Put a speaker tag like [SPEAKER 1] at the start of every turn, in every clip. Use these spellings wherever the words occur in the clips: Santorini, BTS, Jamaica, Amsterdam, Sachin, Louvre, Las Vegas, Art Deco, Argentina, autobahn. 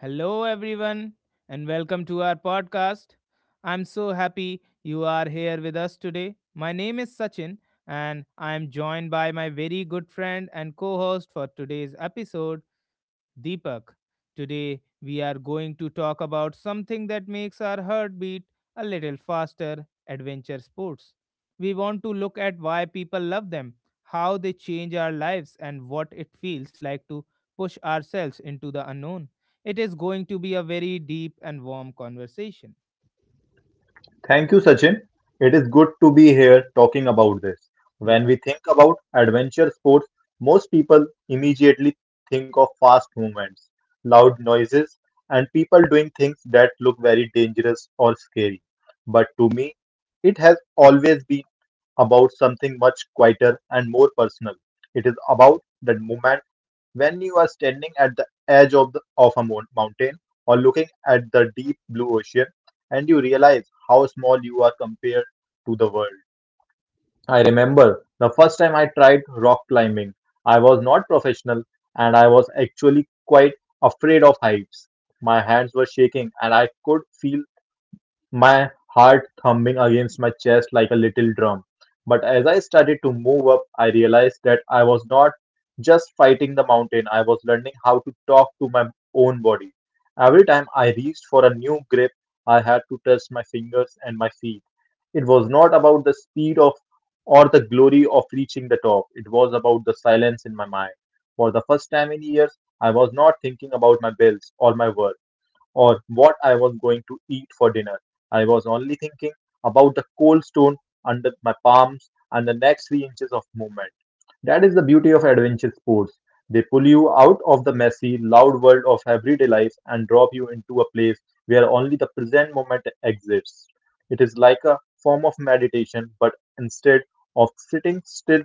[SPEAKER 1] Hello, everyone, and welcome to our podcast. I'm so happy you are here with us today. My name is Sachin, and I am joined by my very good friend and co host for today's episode. Deepak. Today, we are going to talk about something that makes our heartbeat a little faster adventure sports. We want to look at why people love them, how they change our lives, and what it feels like to push ourselves into the unknown. It is going to be a very deep and warm conversation.
[SPEAKER 2] Thank you, Sachin. It is good to be here talking about this. When
[SPEAKER 1] Yeah,
[SPEAKER 2] we think about adventure sports, most people immediately think of fast movements, loud noises, and people doing things that look very dangerous or scary. But to me, it has always been about something much quieter and more personal. It is about that moment when you are standing at the edge of a mountain or looking at the deep blue ocean and you realize how small you are compared to the world. I remember the first time I tried rock climbing. I was not professional and I was actually quite afraid of heights. My hands were shaking and I could feel my heart thumping against my chest like a little drum. But as I started to move up, I realized that I was not just fighting the mountain, I was learning how to talk to my own body. Every time I reached for a new grip, I had to test my fingers and my feet. It was not about the speed of or the glory of reaching the top; it was about the silence in my mind. For the first time in years, I was not thinking about my bills or my work or what I was going to eat for dinner. I was only thinking about the cold stone under my palms and the next 3 inches of movement. That is the beauty of adventure sports. They pull you out of the messy, loud world of everyday life and drop you into a place where only the present moment exists. It is like a form of meditation, but instead of sitting still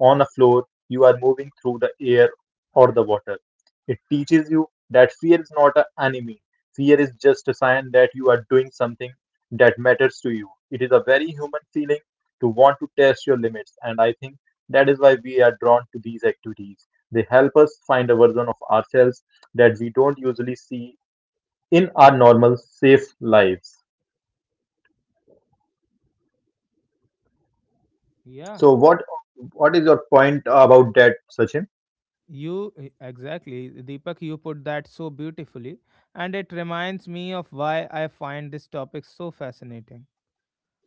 [SPEAKER 2] on a floor, you are moving through the air or the water. It teaches you that fear is not an enemy. Fear is just a sign that you are doing something that matters to you. It is a very human feeling to want to test your limits, and I think that is why we are drawn to these activities. They help us find a version of ourselves that we don't usually see in our normal, safe lives.
[SPEAKER 1] yeah.
[SPEAKER 2] So what is your point about that, Sachin?
[SPEAKER 1] Exactly, Deepak, you put that so beautifully, and it reminds me of why I find this topic so fascinating.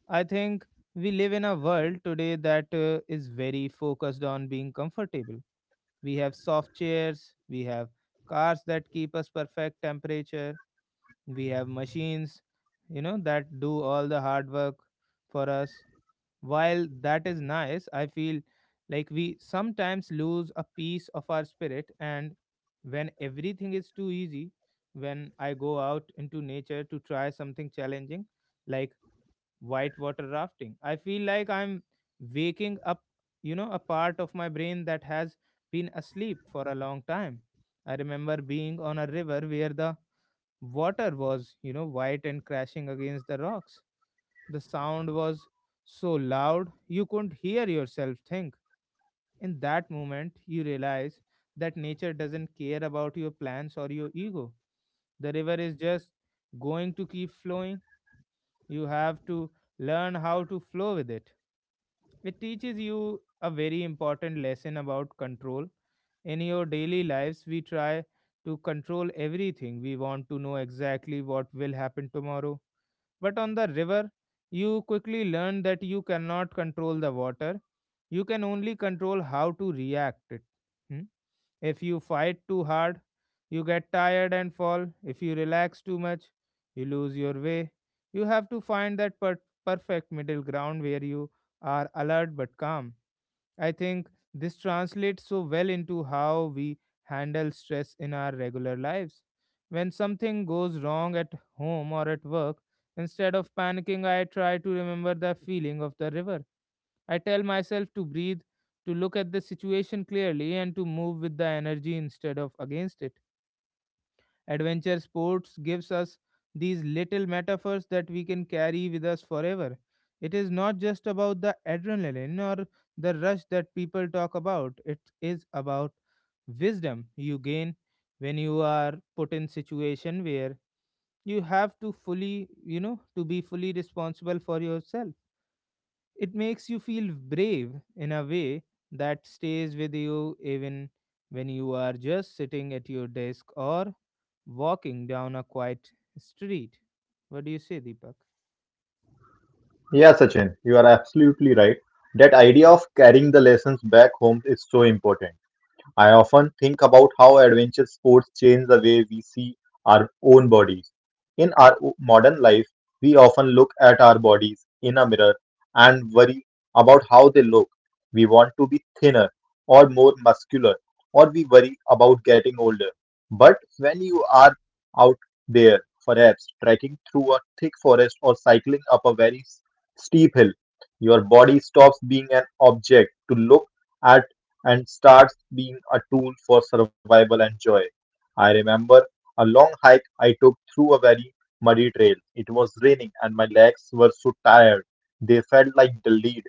[SPEAKER 1] I think we live in a world today that is very focused on being comfortable. We have soft chairs, we have cars that keep us perfect temperature, we have machines, that do all the hard work for us. While that is nice, I feel like we sometimes lose a piece of our spirit and when everything is too easy, when I go out into nature to try something challenging, like whitewater rafting. I feel like I'm waking up, a part of my brain that has been asleep for a long time. I remember being on a river where the water was, white and crashing against the rocks. The sound was so loud you couldn't hear yourself think. In that moment, you realize that nature doesn't care about your plans or your ego. The river is just going to keep flowing. You have to learn how to flow with it. It teaches you a very important lesson about control. In your daily lives we try to control everything. We want to know exactly what will happen tomorrow, but on the river you quickly learn that you cannot control the water. You can only control how to react it. Hmm? If you fight too hard, you get tired and fall. If you relax too much, you lose your way. You have to find that perfect middle ground where you are alert but calm. I think this translates so well into how we handle stress in our regular lives. When something goes wrong at home or at work, instead of panicking, I try to remember the feeling of the river. I tell myself to breathe, to look at the situation clearly, and to move with the energy instead of against it. Adventure sports gives us these little metaphors that we can carry with us forever. It is not just about the adrenaline or the rush that people talk about, it is about wisdom you gain when you are put in situation where you have to fully to be fully responsible for yourself. It makes you feel brave in a way that stays with you even when you are just sitting at your desk or walking down a quiet street. What do you say, Deepak?
[SPEAKER 2] Yeah, Sachin, you are absolutely right. That idea of carrying the lessons back home is so important. I often think about how adventure sports change the way we see our own bodies. In our modern life, we often look at our bodies in a mirror and worry about how they look. We want to be thinner or more muscular, or we worry about getting older. But when you are out there, perhaps trekking through a thick forest or cycling up a very steep hill, your body stops being an object to look at and starts being a tool for survival and joy. I remember a long hike I took through a very muddy trail. It was raining and my legs were so tired they felt like the lead.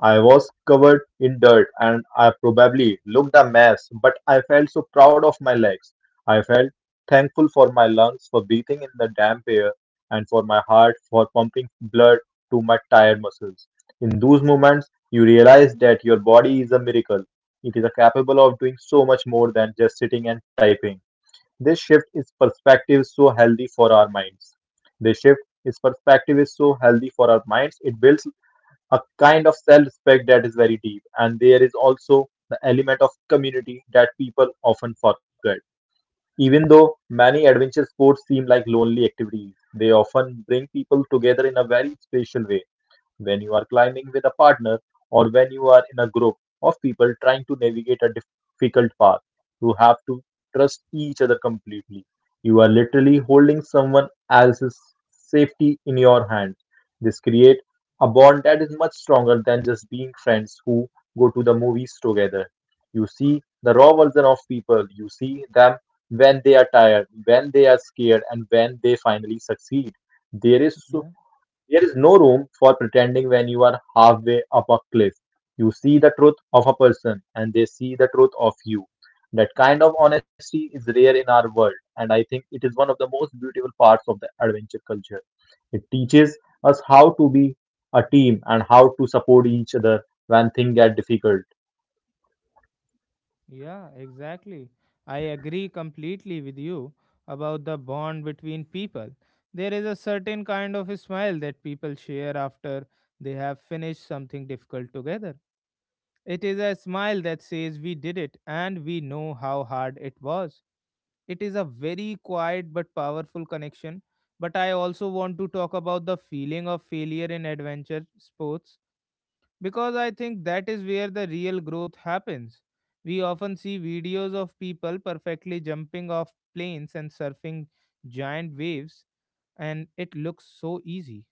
[SPEAKER 2] I was covered in dirt and I probably looked a mess, but I felt so proud of my legs. I felt thankful for my lungs for breathing in the damp air, and for my heart for pumping blood to my tired muscles. In those moments, you realize that your body is a miracle. It is capable of doing so much more than just sitting and typing. This shift is perspective so healthy for our minds. This shift is perspective is so healthy for our minds. It builds a kind of self-respect that is very deep, and there is also the element of community that people often forget. Even though many adventure sports seem like lonely activities, they often bring people together in a very special way, when you are climbing with a partner or when you are in a group of people trying to navigate a difficult path. You have to trust each other completely. You are literally holding someone else's safety in your hands. This creates a bond that is much stronger than just being friends who go to the movies together. You see the raw version of people. You see them when they are tired, when they are scared, and when they finally succeed. There is so
[SPEAKER 1] Yeah.
[SPEAKER 2] there is no room for pretending when you are halfway up a cliff. You see the truth of a person and they see the truth of you. That kind of honesty is rare in our world, and I think it is one of the most beautiful parts of the adventure culture. It teaches us how to be a team and how to support each other when things get difficult.
[SPEAKER 1] Yeah, exactly. I agree completely with you about the bond between people. There is a certain kind of a smile that people share after they have finished something difficult together. It is a smile that says we did it and we know how hard it was. It is a very quiet but powerful connection. But I also want to talk about the feeling of failure in adventure sports because I think that is where the real growth happens. We often see videos of people perfectly jumping off planes and surfing giant waves, and it looks so easy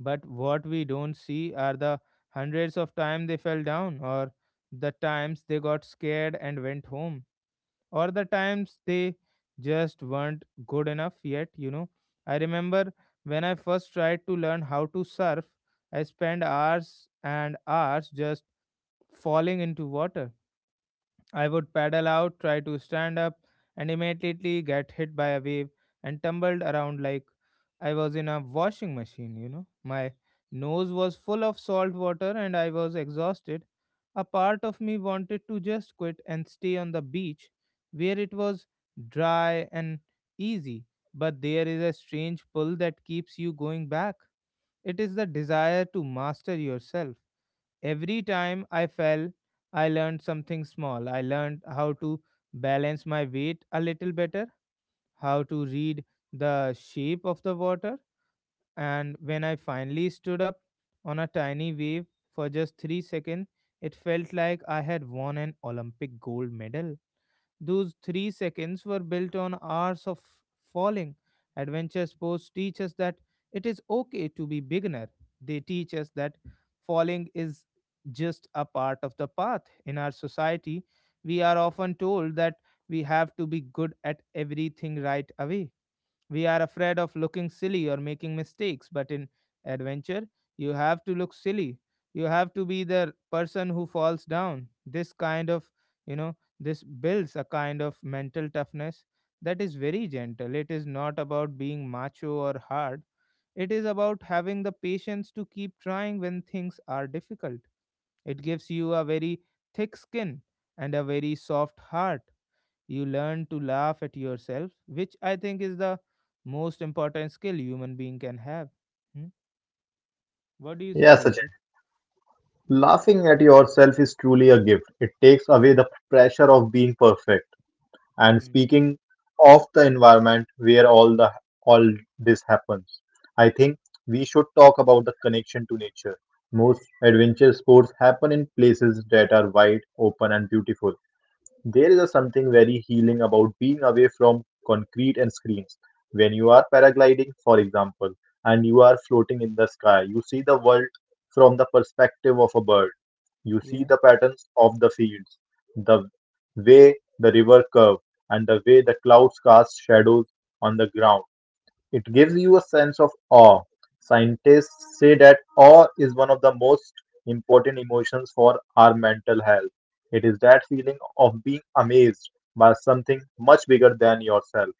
[SPEAKER 1] but what we don't see are the hundreds of times they fell down, or the times they got scared and went home, or the times they just weren't good enough yet. I remember when I first tried to learn how to surf, I spent hours and hours just falling into water. I would paddle out, try to stand up, and immediately get hit by a wave and tumbled around like I was in a washing machine. My nose was full of salt water and I was exhausted. A part of me wanted to just quit and stay on the beach where it was dry and easy, but there is a strange pull that keeps you going back. It is the desire to master yourself. Every time I fell, I learned something small. I learned how to balance my weight a little better, how to read the shape of the water, and when I finally stood up on a tiny wave for just 3 seconds, it felt like I had won an Olympic gold medal. Those 3 seconds were built on hours of falling. Adventure sports teach us that it is okay to be beginner. They teach us that falling is just a part of the path. In our society, we are often told that we have to be good at everything right away. We are afraid of looking silly or making mistakes, but in adventure, you have to look silly. You have to be the person who falls down. This kind of, this builds a kind of mental toughness that is very gentle. It is not about being macho or hard. It is about having the patience to keep trying when things are difficult. It gives you a very thick skin and a very soft heart. You learn to laugh at yourself, which I think is the most important skill human being can have. Hmm? What do you say,
[SPEAKER 2] Yes, Sachin.
[SPEAKER 1] Deepak?
[SPEAKER 2] Laughing at yourself is truly a gift. It takes away the pressure of being perfect. And
[SPEAKER 1] Hmm.
[SPEAKER 2] speaking of the environment where all this happens, I think we should talk about the connection to nature. Most adventure sports happen in places that are wide open and beautiful. There is a something very healing about being away from concrete and screens. When you are paragliding, for example, and you are floating in the sky, you see the world from the perspective of a bird. You see
[SPEAKER 1] Yeah,
[SPEAKER 2] the patterns of the fields, the way the river curves, and the way the clouds cast shadows on the ground. It gives you a sense of awe. Scientists say that awe is one of the most important emotions for our mental health. It is that feeling of being amazed by something much bigger than yourself.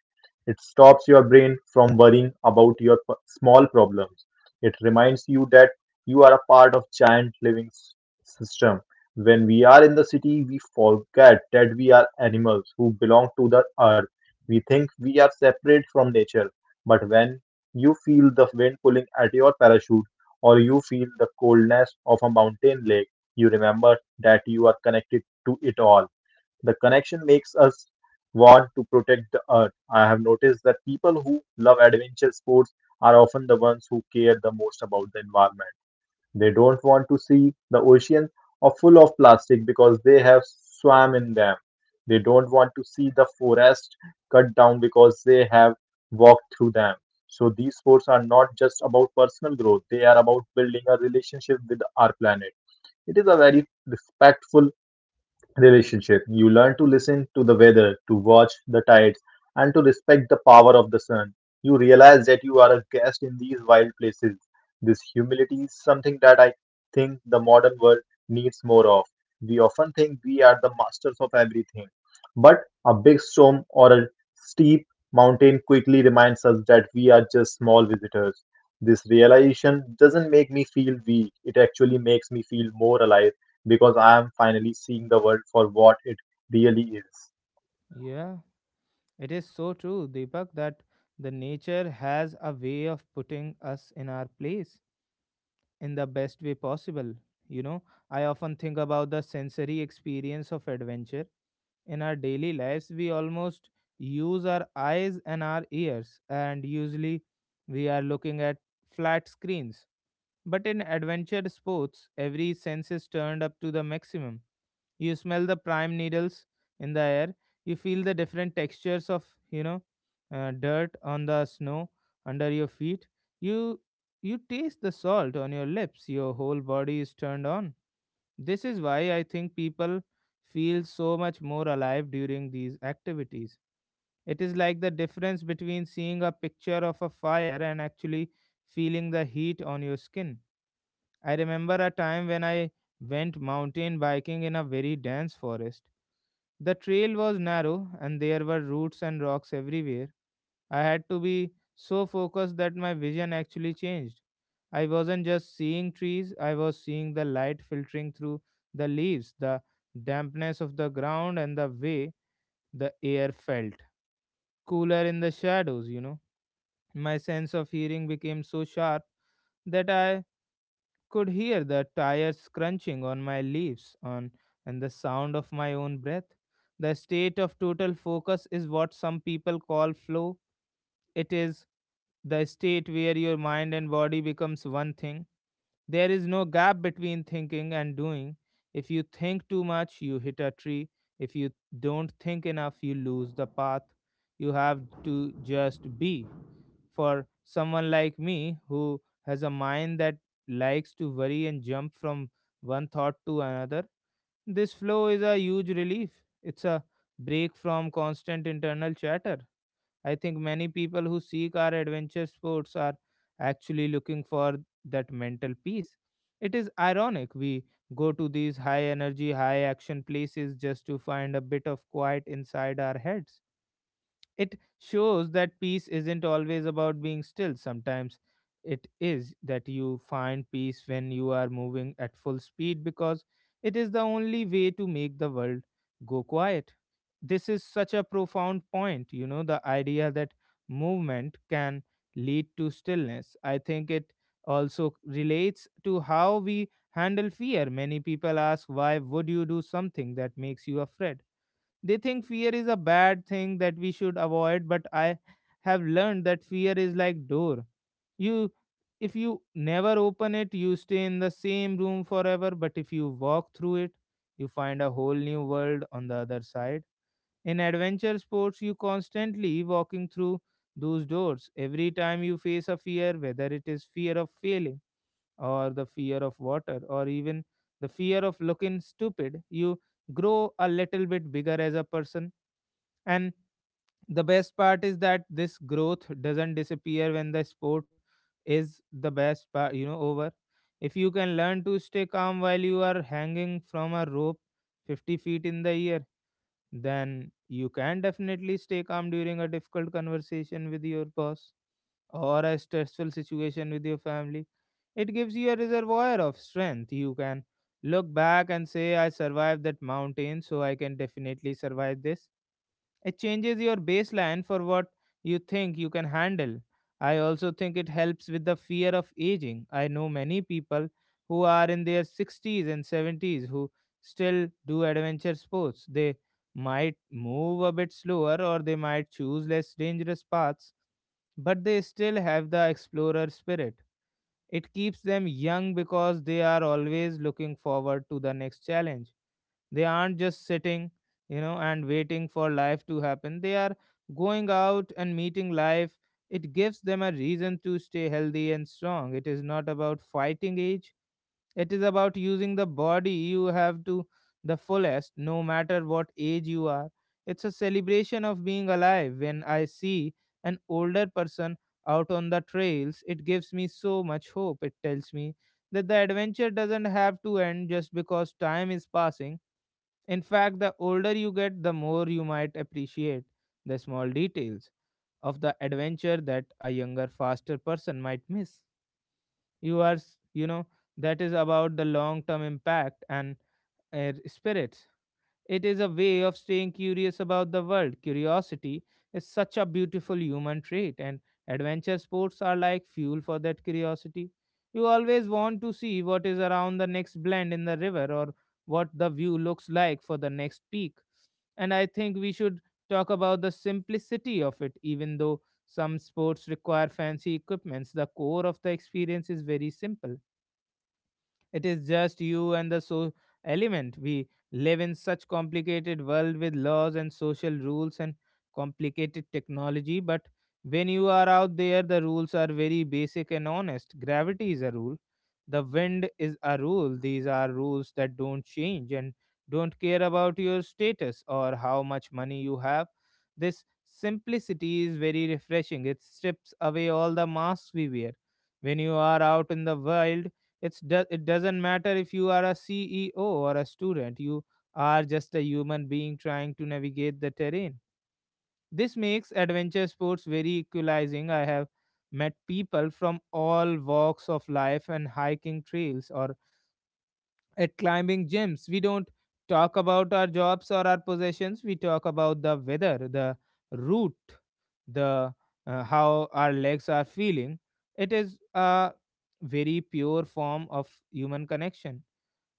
[SPEAKER 2] It stops your brain from worrying about your small problems. It reminds you that you are a part of giant living system. When we are in the city, we forget that we are animals who belong to the earth. We think we are separate from nature, but when you feel the wind pulling at your parachute or you feel the coldness of a mountain lake, you remember that you are connected to it all. The connection makes us want to protect the earth. I have noticed that people who love adventure sports are often the ones who care the most about the environment. They don't want to see the oceans are full of plastic because they have swam in them. They don't want to see the forest cut down because they have walked through them. So these sports are not just about personal growth, they are about building a relationship with our planet. It is a very respectful relationship. You learn to listen to the weather, to watch the tides, and to respect the power of the sun. You realize that you are a guest in these wild places. This humility is something that I think the modern world needs more of. We often think we are the masters of everything, but a big storm or a steep mountain quickly reminds us that we are just small visitors. This realization doesn't make me feel weak; it actually makes me feel more alive, because I am finally seeing the world for what it really is.
[SPEAKER 1] yeah. It is so true, Deepak, that the nature has a way of putting us in our place in the best way possible. You know, I often think about the sensory experience of adventure. In our daily lives, we almost use our eyes and our ears, and usually we are looking at flat screens. But in adventure sports, every sense is turned up to the maximum. You smell the prime needles in the air. You feel the different textures of dirt on the snow under your feet. You you taste the salt on your lips. Your whole body is turned on. This is why I think people feel so much more alive during these activities. It is like the difference between seeing a picture of a fire and actually feeling the heat on your skin. I remember a time when I went mountain biking in a very dense forest. The trail was narrow and there were roots and rocks everywhere. I had to be so focused that my vision actually changed. I wasn't just seeing trees, I was seeing the light filtering through the leaves, the dampness of the ground, and the way the air felt. Cooler in the shadows, you know. My sense of hearing became so sharp that I could hear the tires crunching on my leaves on and the sound of my own breath. The state of total focus is what some people call flow. It is the state where your mind and body becomes one thing. There is no gap between thinking and doing. If you think too much, you hit a tree. If you don't think enough, you lose the path. You have to just be. For someone like me who has a mind that likes to worry and jump from one thought to another, this flow is a huge relief. It's a break from constant internal chatter. I think many people who seek our adventure sports are actually looking for that mental peace. It is ironic we go to these high energy, high action places just to find a bit of quiet inside our heads. It shows that peace isn't always about being still. Sometimes it is that you find peace when you are moving at full speed because it is the only way to make the world go quiet. This is such a profound point, you know, the idea that movement can lead to stillness. I think it also relates to how we handle fear. Many people ask, why would you do something that makes you afraid? They think fear is a bad thing that we should avoid, but I have learned that fear is like door. You If you never open it, you stay in the same room forever, but if you walk through it, you find a whole new world on the other side. In adventure sports, you constantly walking through those doors. Every time you face a fear, whether it is fear of failing or the fear of water or even the fear of looking stupid, you grow a little bit bigger as a person and the best part is that this growth doesn't disappear when the sport is the best part, you know, over. If you can learn to stay calm while you are hanging from a rope 50 feet in the air, then you can definitely stay calm during a difficult conversation with your boss or a stressful situation with your family. It gives you a reservoir of strength. You can look back and say, I survived that mountain, so I can definitely survive this. It changes your baseline for what you think you can handle. I also think it helps with the fear of aging. I know many people who are in their 60s and 70s who still do adventure sports. They might move a bit slower or they might choose less dangerous paths, but they still have the explorer spirit. It keeps them young because they are always looking forward to the next challenge. They aren't just sitting, you know, and waiting for life to happen. They are going out and meeting life. It gives them a reason to stay healthy and strong. It is not about fighting age, it is about using the body you have to the fullest, no matter what age you are. It's a celebration of being alive. When I see an older person out on the trails, it gives me so much hope. It tells me that the adventure doesn't have to end just because time is passing. In fact, the older you get, the more you might appreciate the small details of the adventure that a younger, faster person might miss. You know, that is about the long term impact and spirits. It is a way of staying curious about the world. Curiosity is such a beautiful human trait, and adventure sports are like fuel for that curiosity. You always want to see what is around the next bend in the river or what the view looks like for the next peak. And I think we should talk about the simplicity of it. Even though some sports require fancy equipments, the core of the experience is very simple. It is just you and the so element. We live in such complicated world with laws and social rules and complicated technology, but when you are out there the rules are very basic and honest. Gravity is a rule. The wind is a rule. These are rules that don't change and don't care about your status or how much money you have. This simplicity is very refreshing. It strips away all the masks we wear. When you are out in the wild, it doesn't matter if you are a ceo or a student. You are just a human being trying to navigate the terrain. This makes adventure sports very equalizing. I have met people from all walks of life and hiking trails or at climbing gyms. We don't talk about our jobs or our possessions. We talk about the weather, the route, the how our legs are feeling. It is a very pure form of human connection.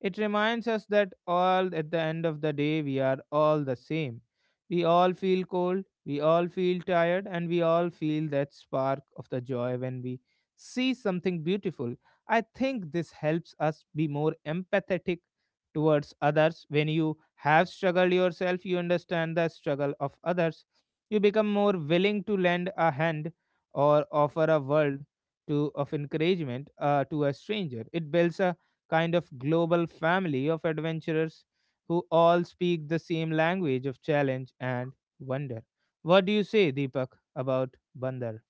[SPEAKER 1] It reminds us that all at the end of the day we are all the same. We all feel cold, we all feel tired, and we all feel that spark of the joy when we see something beautiful. I think this helps us be more empathetic towards others. When you have struggled yourself, you understand the struggle of others. You become more willing to lend a hand or offer a word to of encouragement to a stranger. It builds a kind of global family of adventurers who all speak the same language of challenge and wonder. What do you say, Deepak, about Bandar?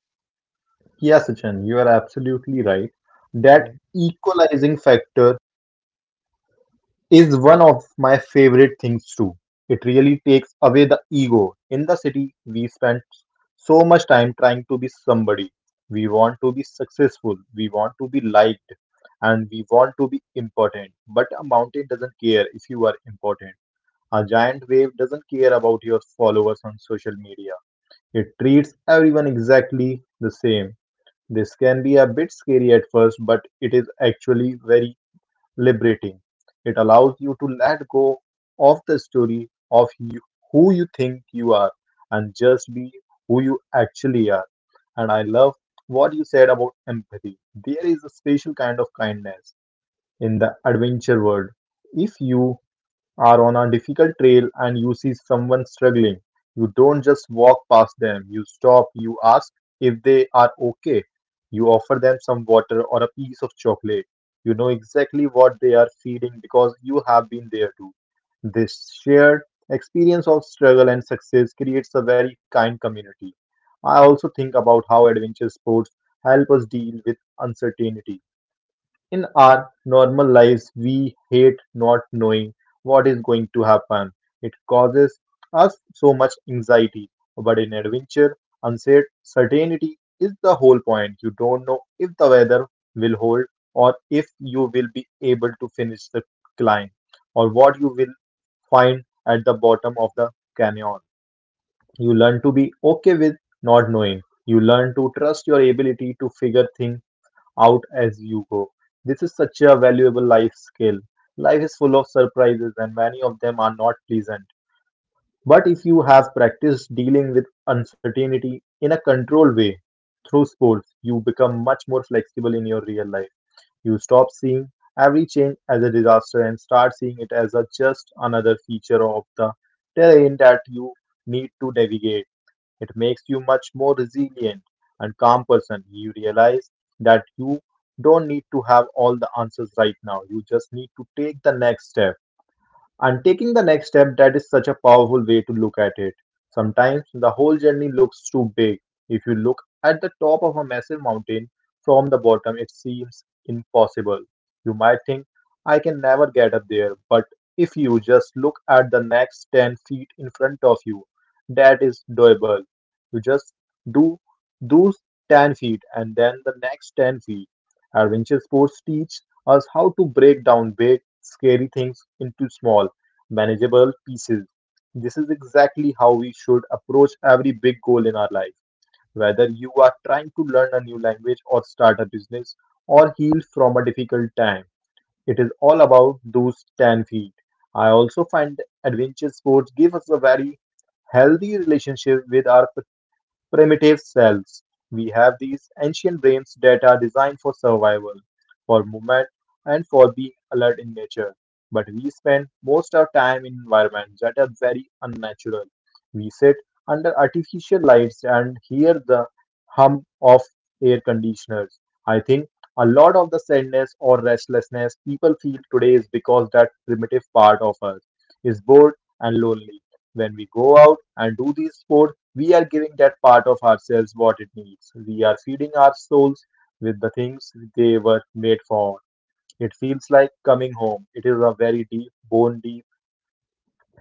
[SPEAKER 2] Yes, Sachin, you are absolutely right. That
[SPEAKER 1] Yeah.
[SPEAKER 2] equalizing factor is one of my favorite things too. It really takes away the ego. In the city, we spend so much time trying to be somebody. We want to be successful, we want to be liked, and we want to be important. But a mountain doesn't care if you are important. A giant wave doesn't care about your followers on social media. It treats everyone exactly the same. This can be a bit scary at first, but it is actually very liberating. It allows you to let go of the story of you, who you think you are, and just be who you actually are. And I love what you said about empathy. There is a special kind of kindness in the adventure world. If you are on a difficult trail and you see someone struggling, you don't just walk past them. You stop, you ask if they are okay. You offer them some water or a piece of chocolate. You know exactly what they are feeling, because you have been there too. This shared experience of struggle and success creates a very kind community. I also think about how adventure sports help us deal with uncertainty. In our normal lives, we hate not knowing what is going to happen. It causes us so much anxiety. But in adventure, uncertainty is the whole point. You don't know if the weather will hold, or if you will be able to finish the climb, or what you will find at the bottom of the canyon. You learn to be okay with not knowing. You learn to trust your ability to figure things out as you go. This is such a valuable life skill. Life is full of surprises, and many of them are not pleasant. But if you have practiced dealing with uncertainty in a controlled way through sports, you become much more flexible in your real life. You stop seeing every change as a disaster and start seeing it as a just another feature of the terrain that you need to navigate. It makes you much more resilient and calm person. You realize that you don't need to have all the answers right now. You just need to take the next step. And taking the next step, that is such a powerful way to look at it. Sometimes the whole journey looks too big. If you look at the top of a massive mountain from the bottom, it seems impossible. You might think, I can never get up there. But if you just look at the next 10 feet in front of you, that is doable. You just do those 10 feet and then the next 10 feet. Adventure sports teach us how to break down big, scary things into small manageable pieces. This is exactly how we should approach every big goal in our life. Whether you are trying to learn a new language or start a business or heal from a difficult time, it is all about those 10 feet. I also find adventure sports give us a very healthy relationship with our primitive cells. We have these ancient brains that are designed for survival, for movement, and for being alert in nature. But we spend most of our time in environments that are very unnatural. We sit under artificial lights and hear the hum of air conditioners. I think a lot of the sadness or restlessness people feel today is because that primitive part of us is bored and lonely. When we go out and do these sports, we are giving that part of ourselves what it needs. We are feeding our souls with the things they were made for. It feels like coming home. It is a very deep, bone deep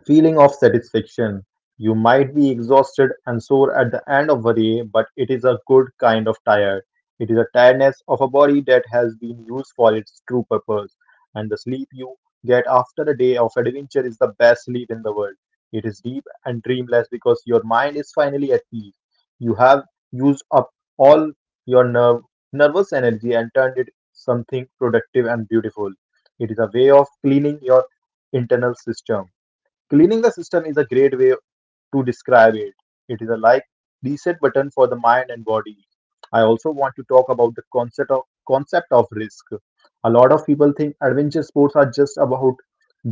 [SPEAKER 2] feeling of satisfaction. You might be exhausted and sore at the end of a day, but it is a good kind of tired. It is a tiredness of a body that has been used for its true purpose. And the sleep you get after a day of adventure is the best sleep in the world. It is deep and dreamless because your mind is finally at peace. You have used up all your nervous energy and turned it something productive and beautiful. It is a way of cleaning your internal system. Cleaning the system is a great way to describe it. It is a like reset button for the mind and body. I also want to talk about the concept of risk. A lot of people think adventure sports are just about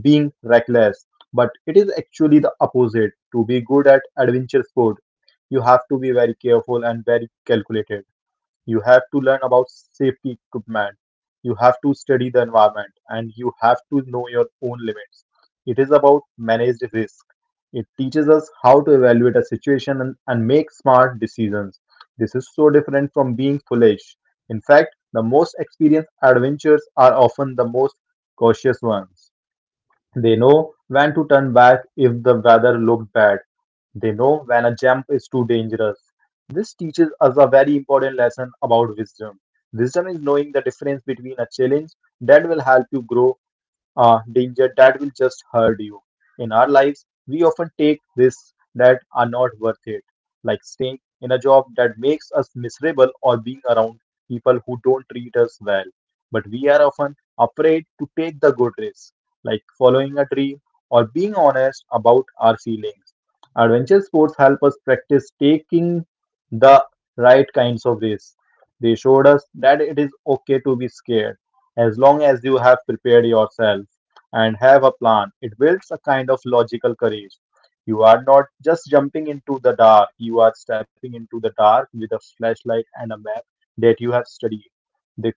[SPEAKER 2] being reckless, but it is actually the opposite. To be good at adventure sport, you have to be very careful and very calculated. You have to learn about safety equipment. You have to study the environment and you have to know your own limits. It is about managed risk. It teaches us how to evaluate a situation and make smart decisions. This is so different from being foolish. In fact, the most experienced adventurers are often the most cautious ones. They know when to turn back if the weather looked bad. They know when a jump is too dangerous. This teaches us a very important lesson about wisdom. Wisdom is knowing the difference between a challenge that will help you grow danger that will just hurt you. In our lives, we often take risks that are not worth it, like staying in a job that makes us miserable or being around people who don't treat us well. But we are often afraid to take the good risks, like following a dream or being honest about our feelings. Adventure sports help us practice taking the right kinds of risks. They showed us that it is okay to be scared as long as you have prepared yourself and have a plan, it builds a kind of logical courage. You are not just jumping into the dark, you are stepping into the dark with a flashlight and a map that you have studied. This,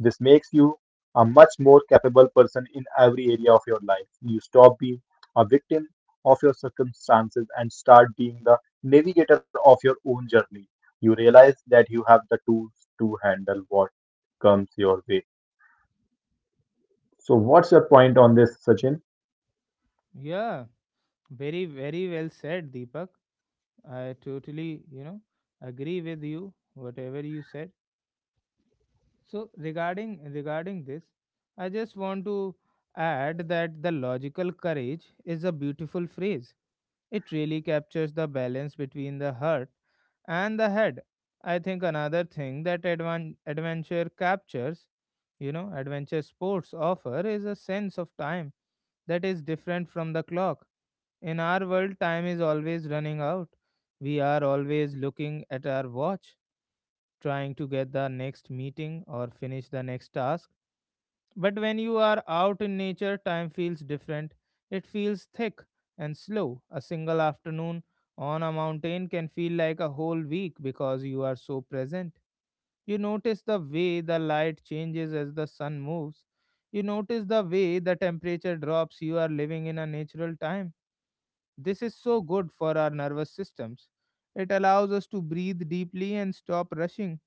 [SPEAKER 2] this makes you a much more capable person in every area of your life. You stop being a victim of your circumstances and start being the navigator of your own journey. You realize that you have the tools to handle what comes your way. So, what's your point on this, Sachin?
[SPEAKER 1] Yeah, very, very well said, Deepak. I totally, you know, agree with you, whatever you said. So regarding this, I just want to add that the logical courage is a beautiful phrase. It really captures the balance between the heart and the head. I think another thing that adventure captures, you know, adventure sports offer is a sense of time that is different from the clock. In our world, time is always running out. We are always looking at our watch trying to get the next meeting or finish the next task. But when you are out in nature, time feels different. It feels thick and slow. A single afternoon on a mountain can feel like a whole week because you are so present. You notice the way the light changes as the sun moves. You notice the way the temperature drops. You are living in a natural time. This is so good for our nervous systems. It allows us to breathe deeply and stop rushing.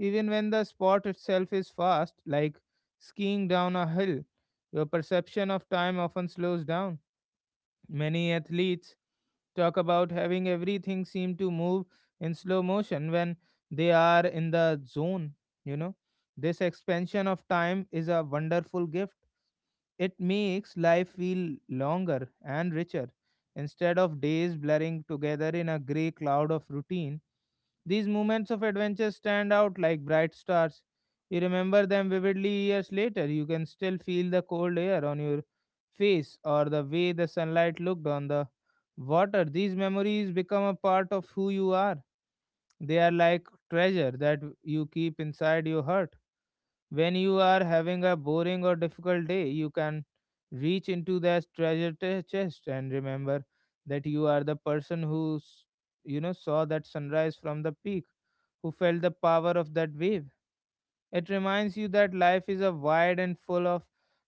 [SPEAKER 1] Even when the sport itself is fast, like skiing down a hill, your perception of time often slows down. Many athletes talk about having everything seem to move in slow motion when they are in the zone, you know. This expansion of time is a wonderful gift. It makes life feel longer and richer. Instead of days blurring together in a grey cloud of routine, these moments of adventure stand out like bright stars. You remember them vividly years later. You can still feel the cold air on your face or the way the sunlight looked on the water. These memories become a part of who you are. They are like treasure that you keep inside your heart. When you are having a boring or difficult day, you can reach into that treasure chest and remember that you are the person who saw that sunrise from the peak, who felt the power of that wave. It reminds you that life is a wide and full of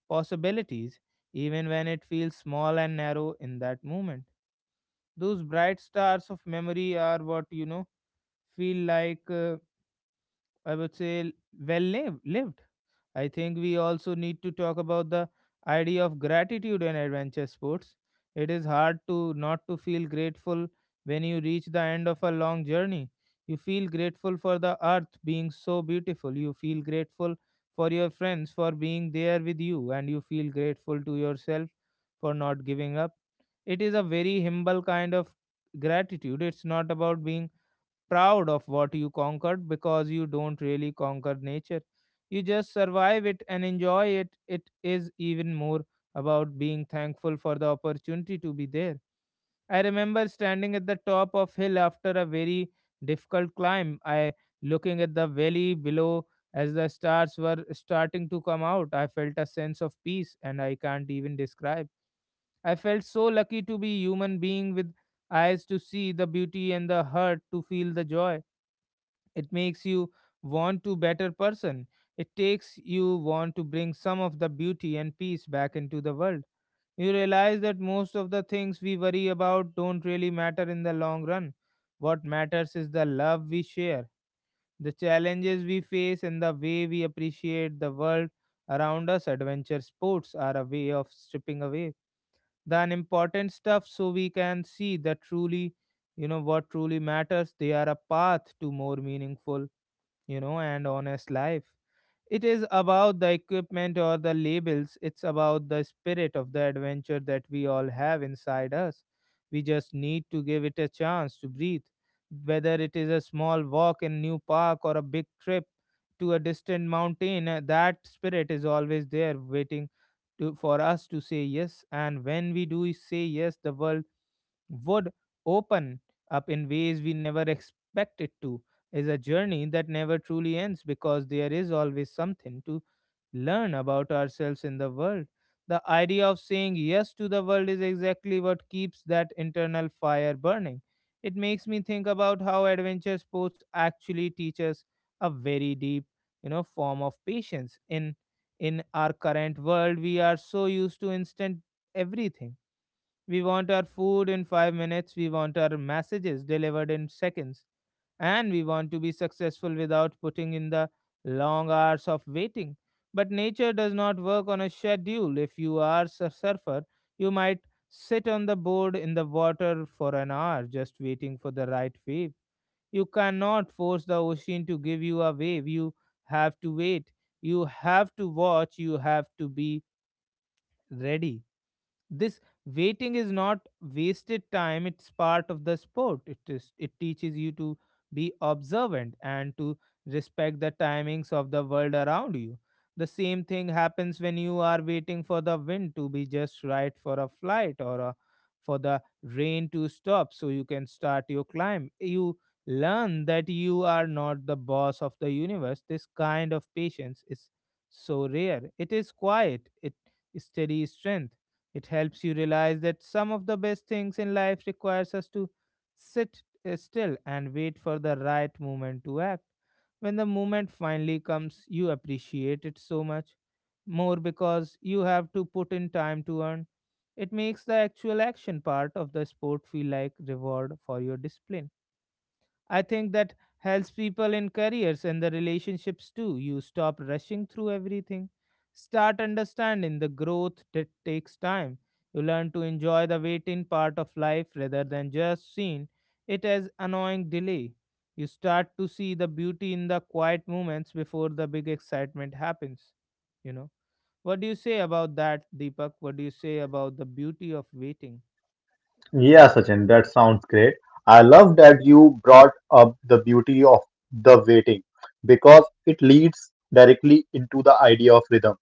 [SPEAKER 1] possibilities, even when it feels small and narrow in that moment. Those bright stars of memory are what you know feel like I would say well lived. I think we also need to talk about the idea of gratitude in adventure sports. It is hard to not to feel grateful when you reach the end of a long journey. You feel grateful for the earth being so beautiful. You feel grateful for your friends for being there with you and you feel grateful to yourself for not giving up. It is a very humble kind of gratitude. It's not about being proud of what you conquered because you don't really conquer nature. You just survive it and enjoy it. It is even more about being thankful for the opportunity to be there. I remember standing at the top of hill after a very difficult climb. I looking at the valley below as the stars were starting to come out. I felt a sense of peace and I can't even describe. I felt so lucky to be human being with eyes to see the beauty and the heart to feel the joy. It makes you want to better person. It takes you want to bring some of the beauty and peace back into the world. You realize that most of the things we worry about don't really matter in the long run. What matters is the love we share, the challenges we face and the way we appreciate the world around us. Adventure sports are a way of stripping away the unimportant stuff so we can see that truly, you know, what truly matters. They are a path to more meaningful, you know, and honest life. It is about the equipment or the labels, it's about the spirit of the adventure that we all have inside us. We just need to give it a chance to breathe. Whether it is a small walk in new park or a big trip to a distant mountain, that spirit is always there waiting for us to say yes. And when we do say yes, the world would open up in ways we never expect it to. Is a journey that never truly ends because there is always something to learn about ourselves in the world. The idea of saying yes to the world is exactly what keeps that internal fire burning. It makes me think about how adventure sports actually teach us a very deep, you know, form of patience. In our current world, we are so used to instant everything. We want our food in 5 minutes. We want our messages delivered in seconds. And we want to be successful without putting in the long hours of waiting. But nature does not work on a schedule. If you are a surfer, you might sit on the board in the water for an hour just waiting for the right wave. You cannot force the ocean to give you a wave. You have to wait. You have to watch. You have to be ready. This waiting is not wasted time. It's part of the sport. It teaches you to be observant and to respect the timings of the world around you. The same thing happens when you are waiting for the wind to be just right for a flight for the rain to stop so you can start your climb. You learn that you are not the boss of the universe. This kind of patience is so rare. It is quiet, it steady strength. It helps you realize that some of the best things in life requires us to sit still and wait for the right moment to act. When the moment finally comes, you appreciate it so much more because you have to put in time to earn. It makes the actual action part of the sport feel like reward for your discipline. I think that helps people in careers and the relationships too. You stop rushing through everything. Start understanding the growth that takes time. You learn to enjoy the waiting part of life rather than just seeing it as annoying delay. You start to see the beauty in the quiet moments before the big excitement happens. You know, what do you say about that, Deepak? What do you say about the beauty of waiting?
[SPEAKER 2] Yeah, Sachin, that sounds great. I love that you brought up the beauty of the waiting because it leads directly into the idea of rhythm.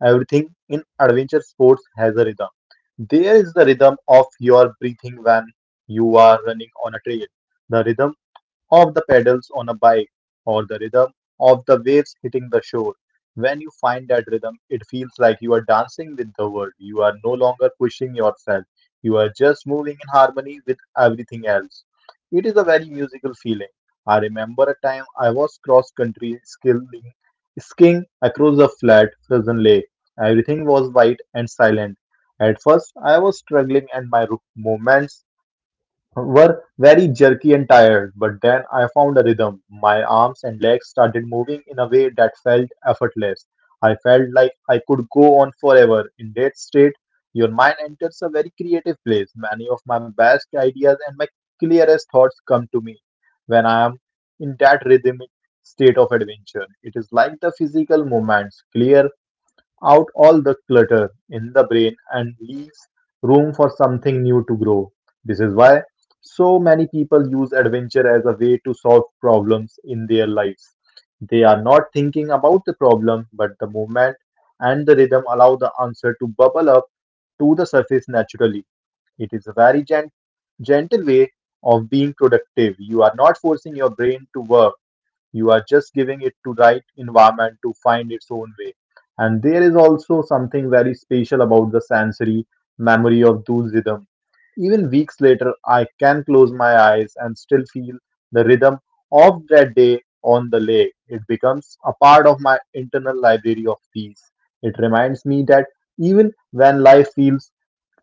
[SPEAKER 2] Everything in adventure sports has a rhythm. There is the rhythm of your breathing when you are running on a trail, the rhythm of the pedals on a bike, or the rhythm of the waves hitting the shore. When you find that rhythm, it feels like you are dancing with the world. You are no longer pushing yourself. You are just moving in harmony with everything else. It is a very musical feeling. I remember a time I was cross country skiing across a flat, frozen lake. Everything was white and silent. At first, I was struggling and my movements were very jerky and tired, but then I found a rhythm. My arms and legs started moving in a way that felt effortless. I felt like I could go on forever. In that state, your mind enters a very creative place. Many of my best ideas and my clearest thoughts come to me when I am in that rhythmic state of adventure. It is like the physical movements, clear out all the clutter in the brain and leaves room for something new to grow. This is why so many people use adventure as a way to solve problems in their lives. They are not thinking about the problem, but the movement and the rhythm allow the answer to bubble up to the surface naturally. It is a very gentle way of being productive. You are not forcing your brain to work, you are just giving it to right environment to find its own way. And there is also something very special about the sensory memory of those rhythm. Even weeks later, I can close my eyes and still feel the rhythm of that day on the lake. It becomes a part of my internal library of peace. It reminds me that even when life feels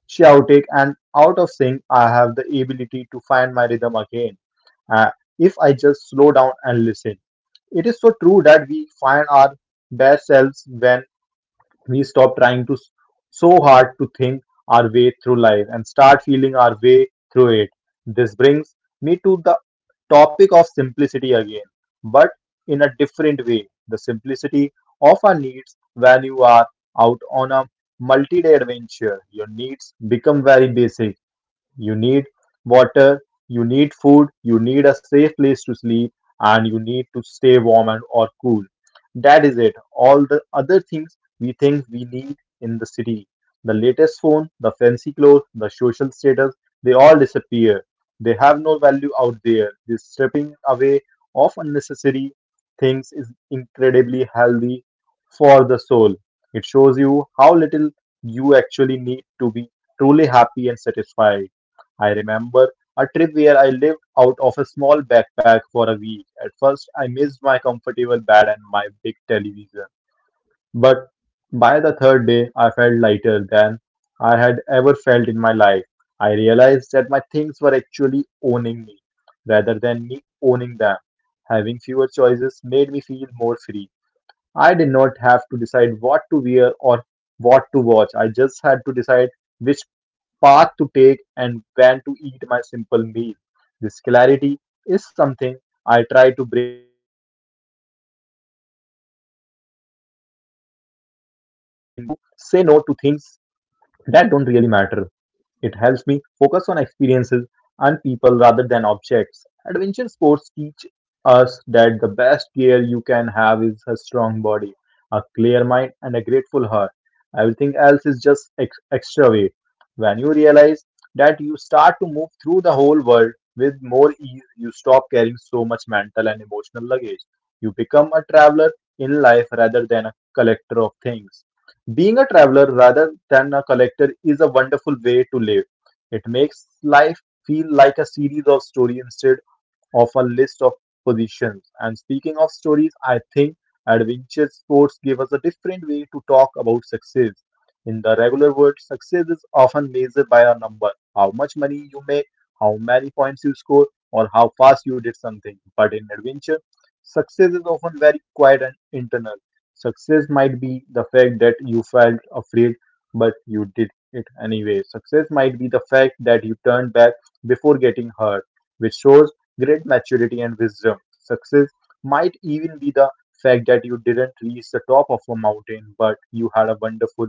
[SPEAKER 2] chaotic and out of sync, I have the ability to find my rhythm again uh, if I just slow down and listen. It is so true that we find our best selves when we stop trying to so hard to think our way through life and start feeling our way through it. This brings me to the topic of simplicity again, but in a different way. The simplicity of our needs when you are out on a multi day adventure. Your needs become very basic. You need water, you need food, you need a safe place to sleep, and you need to stay warm and or cool. That is it. All the other things we think we need in the city. The latest phone, the fancy clothes, the social status, they all disappear. They have no value out there. This stripping away of unnecessary things is incredibly healthy for the soul. It shows you how little you actually need to be truly happy and satisfied. I remember a trip where I lived out of a small backpack for a week. At first, I missed my comfortable bed and my big television. But by the third day, I felt lighter than I had ever felt in my life. I realized that my things were actually owning me rather than me owning them. Having fewer choices made me feel more free. I did not have to decide what to wear or what to watch. I just had to decide which path to take and when to eat my simple meal. This clarity is something I try to bring back with me into my normal life. It helps me to say no to things that don't really matter. It helps me focus on experiences and people rather than objects. Adventure sports teach us that the best gear you can have is a strong body, a clear mind, and a grateful heart. Everything else is just extra weight. When you realize that, you start to move through the whole world with more ease, you stop carrying so much mental and emotional luggage. You become a traveler in life rather than a collector of things. Being a traveler rather than a collector is a wonderful way to live. It makes life feel like a series of stories instead of a list of positions. And speaking of stories, I think adventure sports give us a different way to talk about success. In the regular world, success is often measured by a number, how much money you make, how many points you score, or how fast you did something. But in adventure, success is often very quiet and internal. Success might be the fact that you felt afraid, but you did it anyway. Success might be the fact that you turned back before getting hurt, which shows great maturity and wisdom. Success might even be the fact that you didn't reach the top of a mountain, but you had a wonderful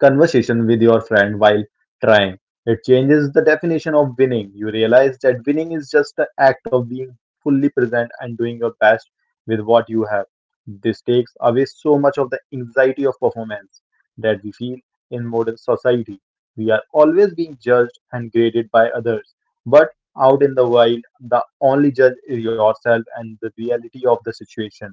[SPEAKER 2] conversation with your friend while trying. It changes the definition of winning. You realize that winning is just the act of being fully present and doing your best with what you have. This takes away so much of the anxiety of performance that we feel in modern society. We are always being judged and graded by others. But out in the wild, the only judge is yourself and the reality of the situation.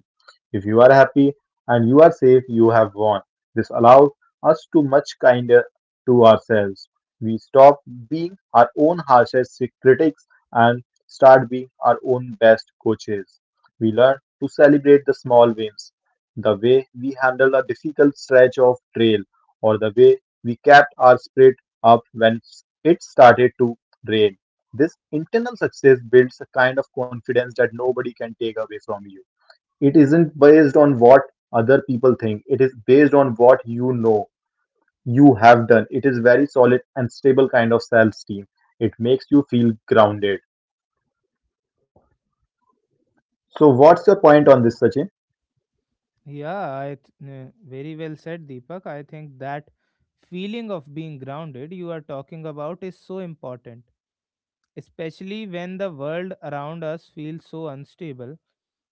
[SPEAKER 2] If you are happy and you are safe, you have won. This allows us too much kinder to ourselves. We stop being our own harshest critics and start being our own best coaches. We learn to celebrate the small wins, the way we handled a difficult stretch of trail, or the way we kept our spirit up when it started to rain. This internal success builds a kind of confidence that nobody can take away from you. It isn't based on what other people think, it is based on what you know you have done. It is very solid and stable kind of self-esteem. It makes you feel grounded. So what's your point on this, Sachin?
[SPEAKER 1] Yeah, very well said, Deepak. I think that feeling of being grounded you are talking about is so important, especially when the world around us feels so unstable.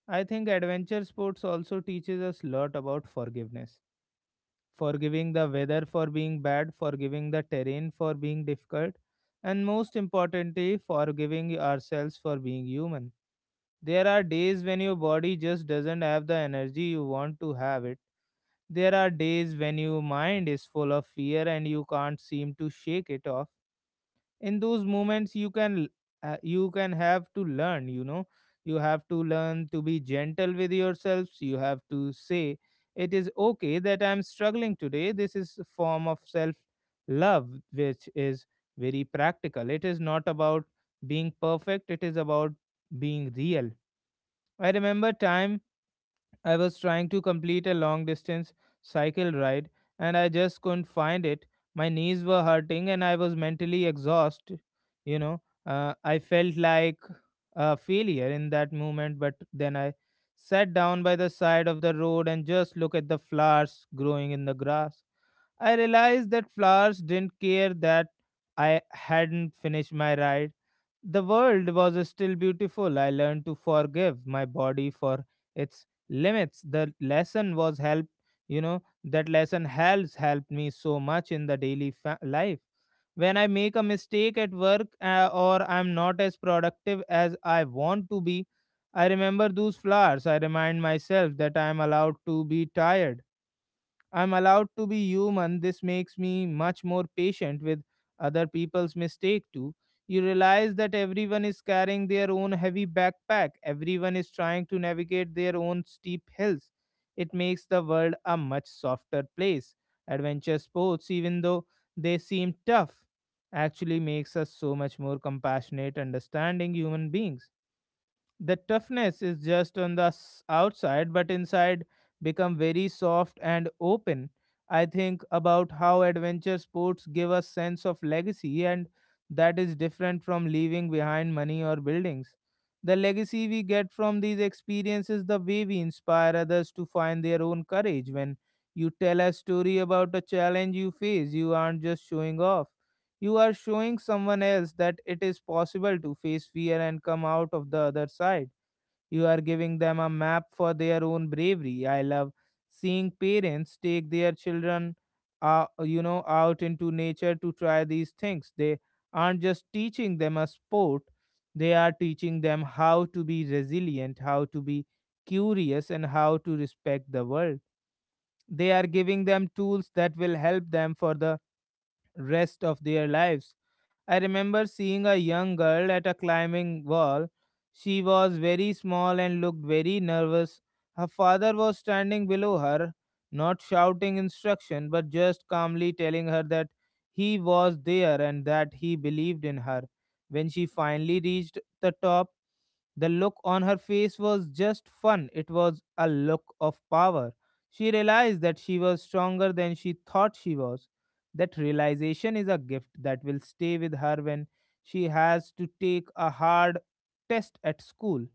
[SPEAKER 1] I think adventure sports also teaches us a lot about forgiveness. Forgiving the weather for being bad, forgiving the terrain for being difficult, and most importantly, forgiving ourselves for being human. There are days when your body just doesn't have the energy you want to have it. There are days when your mind is full of fear and you can't seem to shake it off. In those moments, you can have to learn. You have to learn to be gentle with yourselves. You have to say it is okay that I'm struggling today. This is a form of self love, which is very practical. It is not about being perfect. It is about being real. I remember time I was trying to complete a long distance cycle ride and I just couldn't find it. My knees were hurting and I was mentally exhausted. You know, I felt like a failure in that moment, but then I sat down by the side of the road and just looked at the flowers growing in the grass. I realized that flowers didn't care that I hadn't finished my ride. The world was still beautiful. I learned to forgive my body for its limits. The lesson was helped, you know, that lesson has helped me so much in the daily life. When I make a mistake at work or I'm not as productive as I want to be, I remember those flowers. I remind myself that I'm allowed to be tired. I'm allowed to be human. This makes me much more patient with other people's mistake too. You realize that everyone is carrying their own heavy backpack. Everyone is trying to navigate their own steep hills. It makes the world a much softer place. Adventure sports, even though they seem tough, actually makes us so much more compassionate, understanding human beings. The toughness is just on the outside, but inside become very soft and open. I think about how adventure sports give a sense of legacy, and that is different from leaving behind money or buildings. The legacy we get from these experiences, the way we inspire others to find their own courage. When you tell a story about a challenge you face, you aren't just showing off. You are showing someone else that it is possible to face fear and come out of the other side. You are giving them a map for their own bravery. I love seeing parents take their children, out into nature to try these things. They aren't just teaching them a sport; they are teaching them how to be resilient, how to be curious, and how to respect the world. They are giving them tools that will help them for the rest of their lives. I remember seeing a young girl at a climbing wall. She was very small and looked very nervous. Her father was standing below her, not shouting instruction, but just calmly telling her that he was there and that he believed in her. When she finally reached the top, the look on her face was just fun. It was a look of power. She realized that she was stronger than she thought she was. That realization is a gift that will stay with her when she has to take a hard test at school,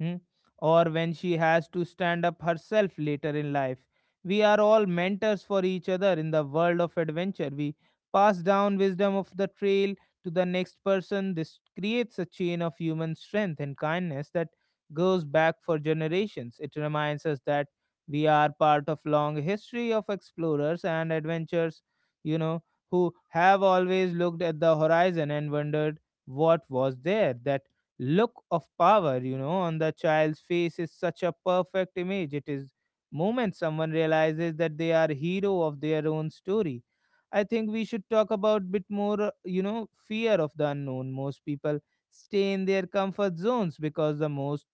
[SPEAKER 1] hmm, or when she has to stand up herself later in life. We are all mentors for each other in the world of adventure. We pass down wisdom of the trail to the next person. This creates a chain of human strength and kindness that goes back for generations. It reminds us that we are part of long history of explorers and adventurers, you know, who have always looked at the horizon and wondered what was there. That look of power, on the child's face is such a perfect image. It is moment someone realizes that they are hero of their own story. I think we should talk about bit more, fear of the unknown. Most people stay in their comfort zones because the most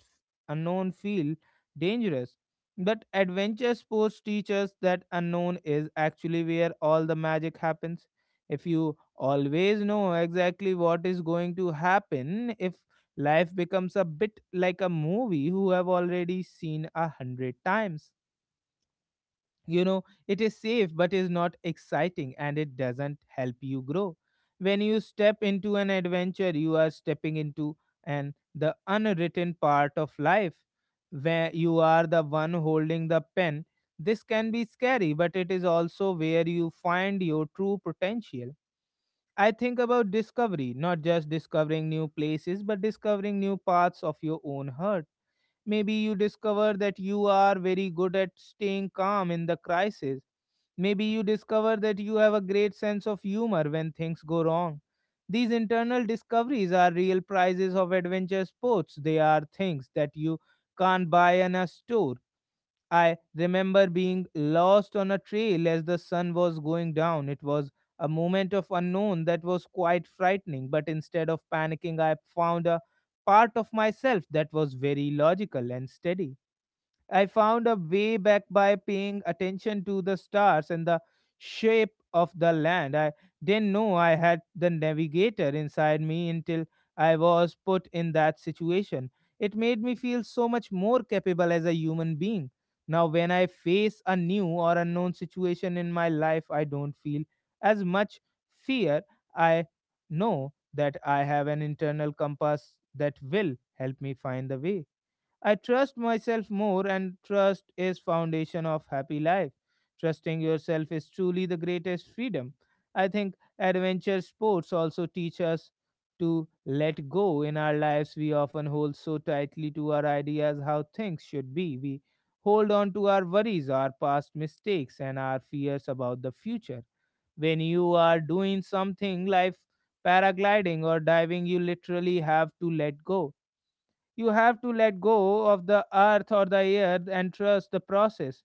[SPEAKER 1] unknown feel dangerous. But adventure sports teach us that unknown is actually where all the magic happens. If you always know exactly what is going to happen, if life becomes a bit like a movie who have already seen a hundred times. You know, it is safe but is not exciting and it doesn't help you grow. When you step into an adventure, you are stepping into an the unwritten part of life where you are the one holding the pen. This can be scary, but it is also where you find your true potential. I think about discovery, not just discovering new places, but discovering new parts of your own heart. Maybe you discover that you are very good at staying calm in the crisis. Maybe you discover that you have a great sense of humor when things go wrong. These internal discoveries are real prizes of adventure sports. They are things that you can't buy in a store. I remember being lost on a trail as the sun was going down. It was a moment of unknown that was quite frightening, but instead of panicking, I found a part of myself that was very logical and steady. I found a way back by paying attention to the stars and the shape of the land. I didn't know I had the navigator inside me until I was put in that situation. It made me feel so much more capable as a human being. Now, when I face a new or unknown situation in my life, I don't feel as much fear. I know that I have an internal compass that will help me find the way. I trust myself more, and trust is foundation of happy life. Trusting yourself is truly the greatest freedom. I think adventure sports also teach us to let go. In our lives, we often hold so tightly to our ideas how things should be. We hold on to our worries, our past mistakes, and our fears about the future. When you are doing something like paragliding or diving, you literally have to let go. You have to let go of the earth or the air and trust the process.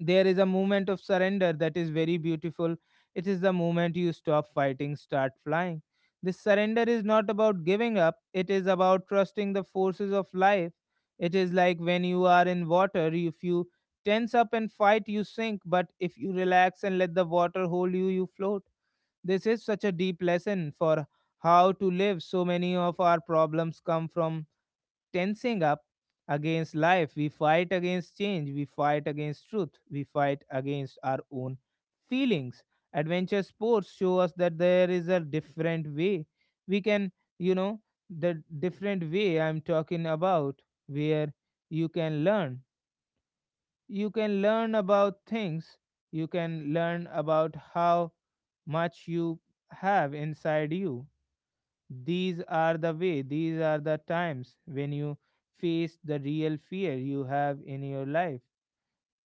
[SPEAKER 1] There is a moment of surrender that is very beautiful. It is the moment you stop fighting, start flying. This surrender is not about giving up, it is about trusting the forces of life. It is like when you are in water, if you tense up and fight, you sink, but if you relax and let the water hold you, you float. This is such a deep lesson for how to live. So many of our problems come from tensing up against life. We fight against change. We fight against truth. We fight against our own feelings. Adventure sports show us that there is a different way. We can, you know, the different way I'm talking about, where you can learn. You can learn about things. You can learn about how much you have inside you. These are the way, these are the times when you face the real fear you have in your life.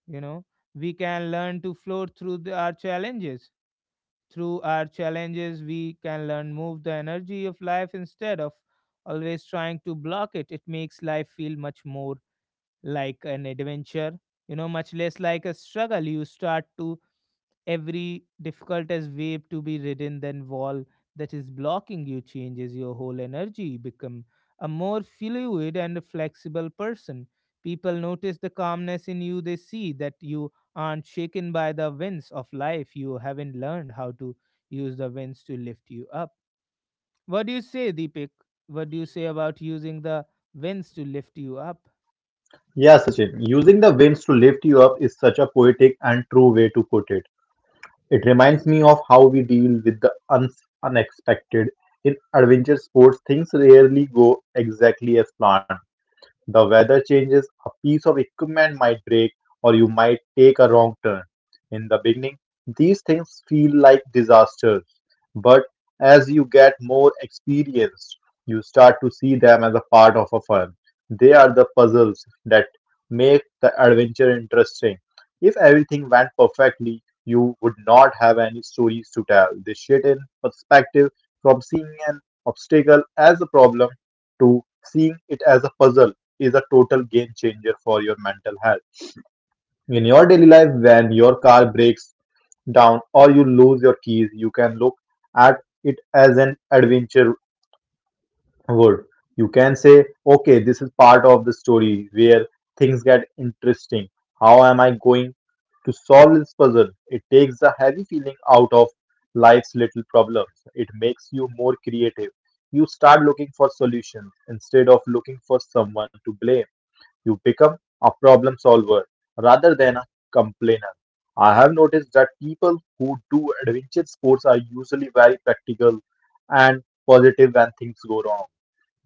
[SPEAKER 1] You know, we can learn to float through our challenges. Through our challenges, we can learn move the energy of life instead of always trying to block it. It makes life feel much more like an adventure, you know, much less like a struggle. You start to every difficult as wave to be ridden, then wall that is blocking you changes your whole energy. You become a more fluid and flexible person. People notice the calmness in you. They see that you aren't shaken by the winds of life. You haven't learned how to use the winds to lift you up. What do you say, Deepak? What do you say about using the winds to lift you up?
[SPEAKER 2] Yeah, Sachin, using the winds to lift you up is such a poetic and true way to put it. It reminds me of how we deal with the unexpected. In adventure sports, things rarely go exactly as planned. The weather changes, a piece of equipment might break, or you might take a wrong turn. In the beginning, these things feel like disasters, but as you get more experienced, you start to see them as a part of a fun. They are the puzzles that make the adventure interesting. If everything went perfectly, you would not have any stories to tell. They shit in perspective from seeing an obstacle as a problem to seeing it as a puzzle is a total game changer for your mental health. In your daily life, when your car breaks down or you lose your keys, you can look at it as an adventure would. You can say, okay, this is part of the story where things get interesting. How am I going to solve this puzzle? It takes the heavy feeling out of life's little problems. It makes you more creative. You start looking for solutions instead of looking for someone to blame. You become a problem solver rather than a complainer. I have noticed that people who do adventure sports are usually very practical and positive when things go wrong.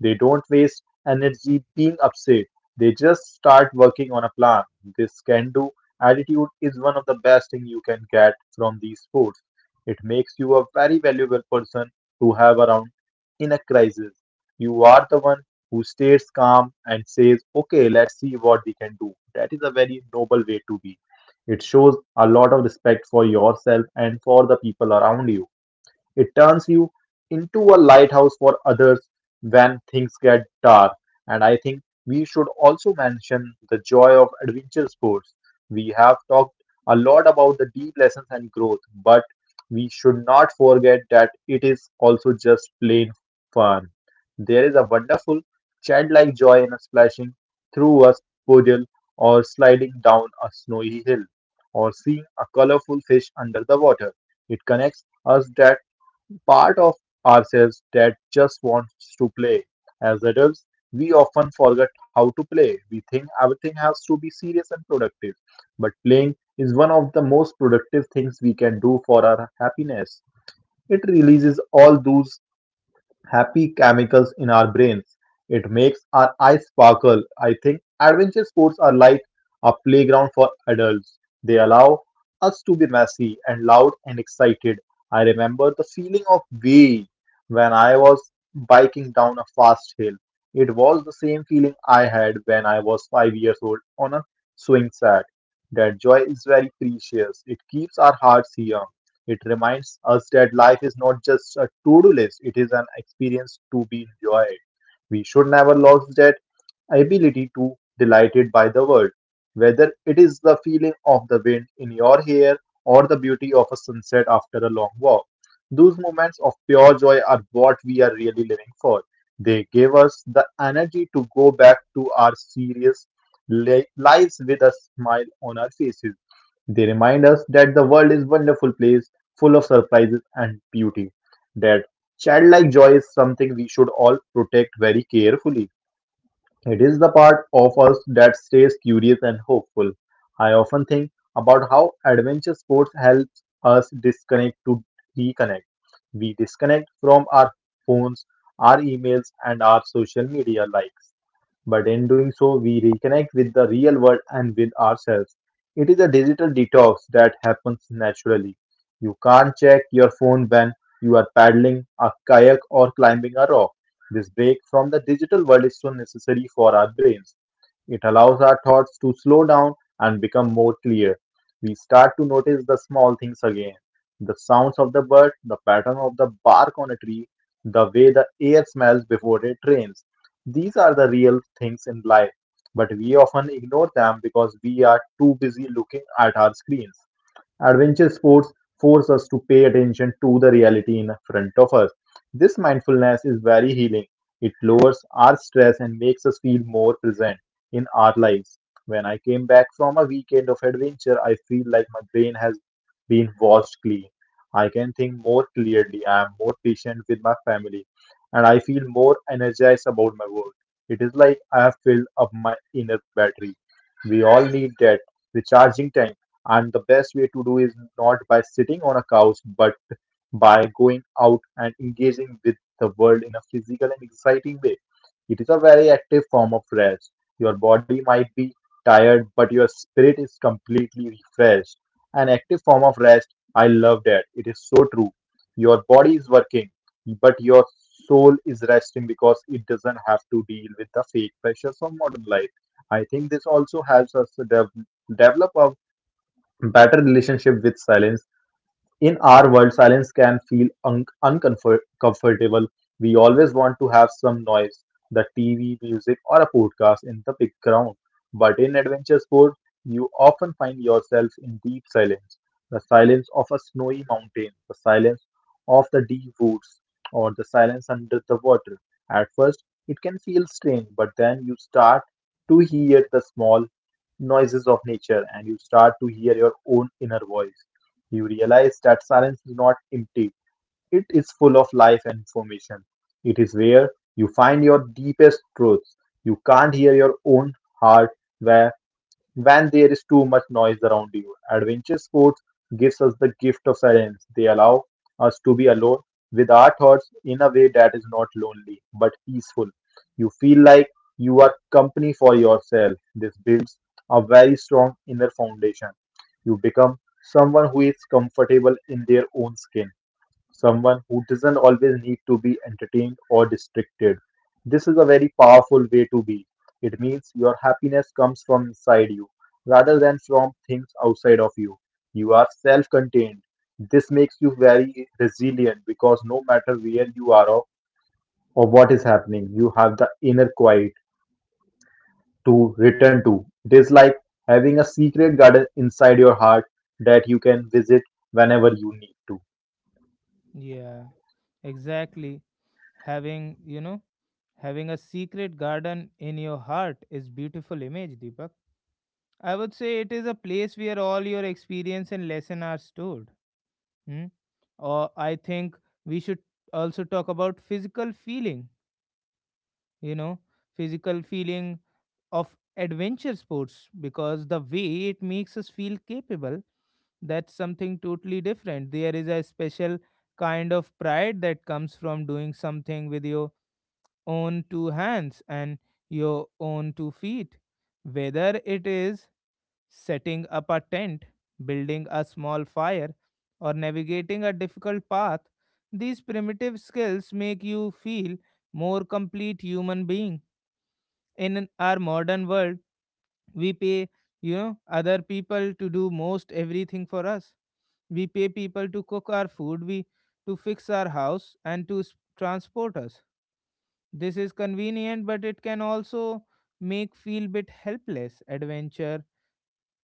[SPEAKER 2] They don't waste energy being upset. They just start working on a plan. This can do attitude is one of the best thing you can get from these sports. It makes you a very valuable person to have around in a crisis. You are the one who stays calm and says, okay, let's see what we can do. That is a very noble way to be. It shows a lot of respect for yourself and for the people around you. It turns you into a lighthouse for others when things get dark. And I think we should also mention the joy of adventure sports. We have talked a lot about the deep lessons and growth, but we should not forget that it is also just plain fun. There is a wonderful childlike joy in a splashing through a puddle, or sliding down a snowy hill, or seeing a colorful fish under the water. It connects us part of ourselves that just wants to play. As adults, we often forget how to play. We think everything has to be serious and productive, but playing is one of the most productive things we can do for our happiness. It releases all those happy chemicals in our brains. It makes our eyes sparkle. I think adventure sports are like a playground for adults. They allow us to be messy and loud and excited. I remember the feeling of way when I was biking down a fast hill. It was the same feeling I had when I was 5 years old on a swing set. That joy is very precious. It keeps our hearts young. It reminds us that life is not just a to do list, it is an experience to be enjoyed. We should never lose that ability to delighted by the world, whether it is the feeling of the wind in your hair or the beauty of a sunset after a long walk. Those moments of pure joy are what we are really living for. They give us the energy to go back to our serious lives with a smile on our faces. They remind us that the world is a wonderful place full of surprises and beauty. That childlike joy is something we should all protect very carefully. It is the part of us that stays curious and hopeful. I often think about how adventure sports helps us disconnect to reconnect. We disconnect from our phones, our emails, and our social media likes, but in doing so, we reconnect with the real world and with ourselves. It is a digital detox that happens naturally. You can't check your phone when you are paddling a kayak or climbing a rock. This break from the digital world is so necessary for our brains. It allows our thoughts to slow down and become more clear. We start to notice the small things again, the sounds of the bird, the pattern of the bark on a tree, the way the air smells before it rains. These are the real things in life, but we often ignore them because we are too busy looking at our screens. Adventure sports force us to pay attention to the reality in front of us. This mindfulness is very healing. It lowers our stress and makes us feel more present in our lives. When I came back from a weekend of adventure, I feel like my brain has been washed clean. I can think more clearly. I am more patient with my family and I feel more energized about my work. It is like I have filled up my inner battery. We all need that recharging time, and the best way to do is not by sitting on a couch, but by going out and engaging with the world in a physical and exciting way. It is a very active form of rest. Your body might be tired, but your spirit is completely refreshed. An active form of rest, I love that. It is so true. Your body is working, but your soul is resting because it doesn't have to deal with the fake pressures of modern life. I think this also helps us to develop our better relationship with silence. In our world, silence can feel uncomfortable. We always want to have some noise, the TV, music, or a podcast in the background. But in adventure sports, you often find yourself in deep silence, the silence of a snowy mountain, the silence of the deep woods, or the silence under the water. At first, it can feel strange, but then you start to hear the small noises of nature and you start to hear your own inner voice. You realize that silence is not empty, it is full of life and information. It is where you find your deepest truths. You can't hear your own heart where when there is too much noise around you. Adventure sports gives us the gift of silence. They allow us to be alone with our thoughts in a way that is not lonely but peaceful. You feel like you are company for yourself. This builds a very strong inner foundation. You become someone who is comfortable in their own skin, someone who doesn't always need to be entertained or distracted. This is a very powerful way to be. It means your happiness comes from inside you rather than from things outside of you. You are self contained. This makes you very resilient because no matter where you are, or what is happening, you have the inner quiet to return to. It is like having a secret garden inside your heart that you can visit whenever you need to.
[SPEAKER 1] Yeah, exactly. Having, you know, Having a secret garden in your heart is beautiful image, Deepak. I would say it is a place where all your experience and lesson are stored. Hmm? Or I think we should also talk about physical feeling, you know, physical feeling of adventure sports because the way it makes us feel capable, that's something totally different. There is a special kind of pride that comes from doing something with your own two hands and your own two feet. Whether it is setting up a tent, building a small fire, or navigating a difficult path, these primitive skills make you feel more complete human being. In our modern world, we pay, other people to do most everything for us. We pay people to cook our food, we to fix our house and to s- transport us. This is convenient, but it can also make feel bit helpless. Adventure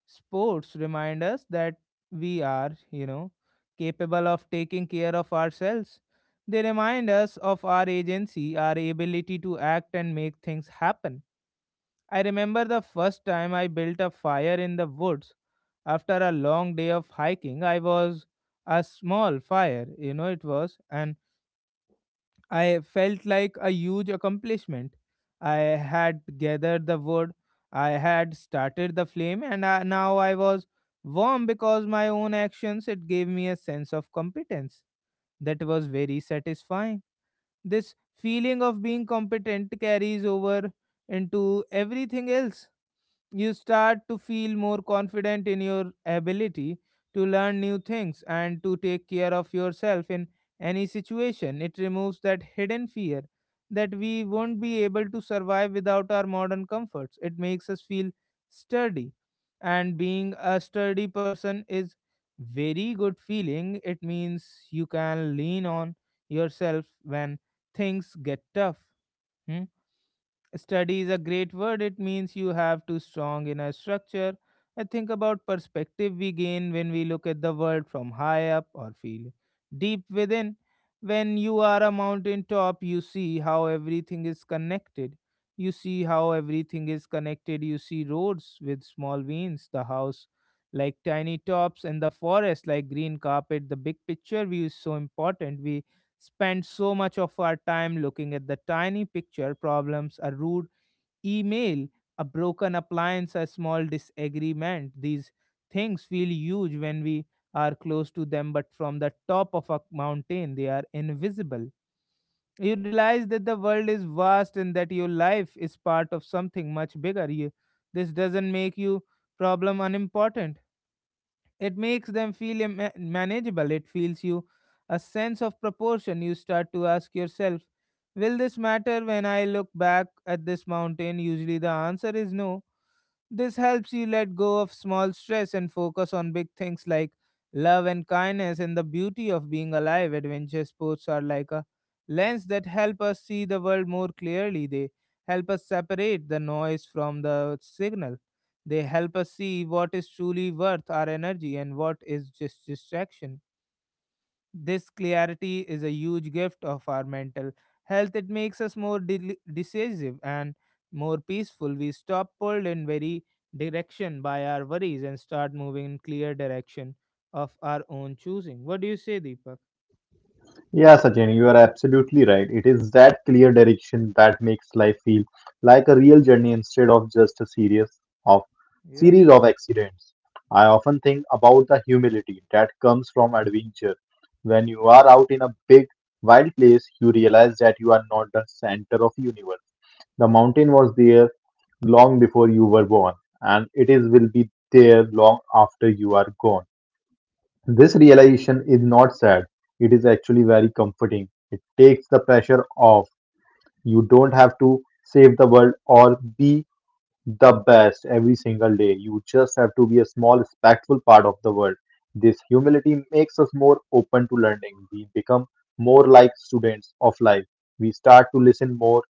[SPEAKER 1] sports remind us that we are, capable of taking care of ourselves. They remind us of our agency, our ability to act and make things happen. I remember the first time I built a fire in the woods after a long day of hiking. I was a small fire, and I felt like a huge accomplishment. I had gathered the wood, I had started the flame, and now I was warm because my own actions. It gave me a sense of competence that was very satisfying. This feeling of being competent carries over into everything else. You start to feel more confident in your ability to learn new things and to take care of yourself in any situation. It removes that hidden fear that we won't be able to survive without our modern comforts. It makes us feel sturdy. And being a sturdy person is very good feeling. It means you can lean on yourself when things get tough. Hmm? Study is a great word. It means you have to strong inner structure. I think about perspective we gain when we look at the world from high up or feel deep within. When you are a mountain top, you see how everything is connected. You see how everything is connected. You see roads with small veins, the house like tiny tops, and the forest like green carpet. The big picture view is so important. We spend so much of our time looking at the tiny picture problems, a rude email, a broken appliance, a small disagreement. These things feel huge when we are close to them, but from the top of a mountain, they are invisible. You realize that the world is vast and that your life is part of something much bigger. This doesn't make you problem unimportant, it makes them feel manageable. It feels you a sense of proportion. You start to ask yourself, will this matter when I look back at this mountain? Usually the answer is no. This helps you let go of small stress and focus on big things like love and kindness and the beauty of being alive. Adventure sports are like a lens that help us see the world more clearly. They help us separate the noise from the signal. They help us see what is truly worth our energy and what is just distraction. This clarity is a huge gift of our mental health. It makes us more decisive and more peaceful. We stop pulled in very direction by our worries and start moving in clear direction of our own choosing. What do you say, Deepak?
[SPEAKER 2] Yeah, Sachin, you are absolutely right. It is that clear direction that makes life feel like a real journey instead of just a series of
[SPEAKER 1] Yeah.
[SPEAKER 2] accidents. I often think about the humility that comes from adventure. When you are out in a big, wild place, you realize that you are not the center of universe. The mountain was there long before you were born, and it is will be there long after you are gone. This realization is not sad, it is actually very comforting. It takes the pressure off. You don't have to save the world or be the best every single day. You just have to be a small, respectful part of the world. This humility makes us more open to learning. We become more like students of life. We start to listen more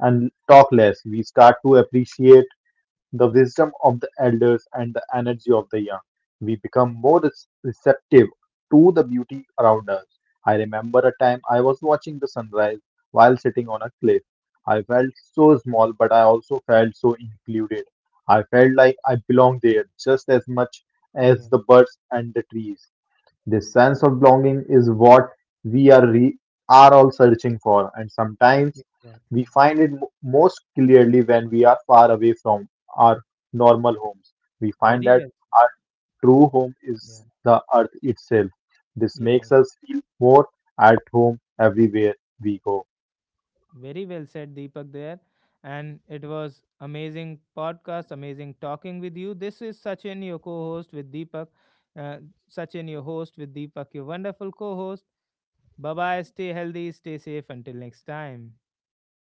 [SPEAKER 2] and talk less. We start to appreciate the wisdom of the elders and the energy of the young. We become more receptive to the beauty around us. I remember a time I was watching the sunrise while sitting on a cliff. I felt so small, but I also felt so included. I felt like I belonged there just as much as
[SPEAKER 1] Yeah.
[SPEAKER 2] the birds and the trees. This sense of belonging is what we are are all searching for, and sometimes we
[SPEAKER 1] Exactly.
[SPEAKER 2] find it most clearly when we are far away from our normal homes. We find
[SPEAKER 1] Very
[SPEAKER 2] that
[SPEAKER 1] well said.
[SPEAKER 2] our true home
[SPEAKER 1] Yeah.
[SPEAKER 2] is the earth itself. This
[SPEAKER 1] Yeah.
[SPEAKER 2] makes us feel more at home everywhere we go.
[SPEAKER 1] Very well said, Deepak, there. And it was amazing podcast, amazing talking with you. This is Sachin, your co host with Deepak. Uh, Sachin, your host with Deepak, your wonderful co host. Bye bye. Stay healthy, stay safe. Until next time.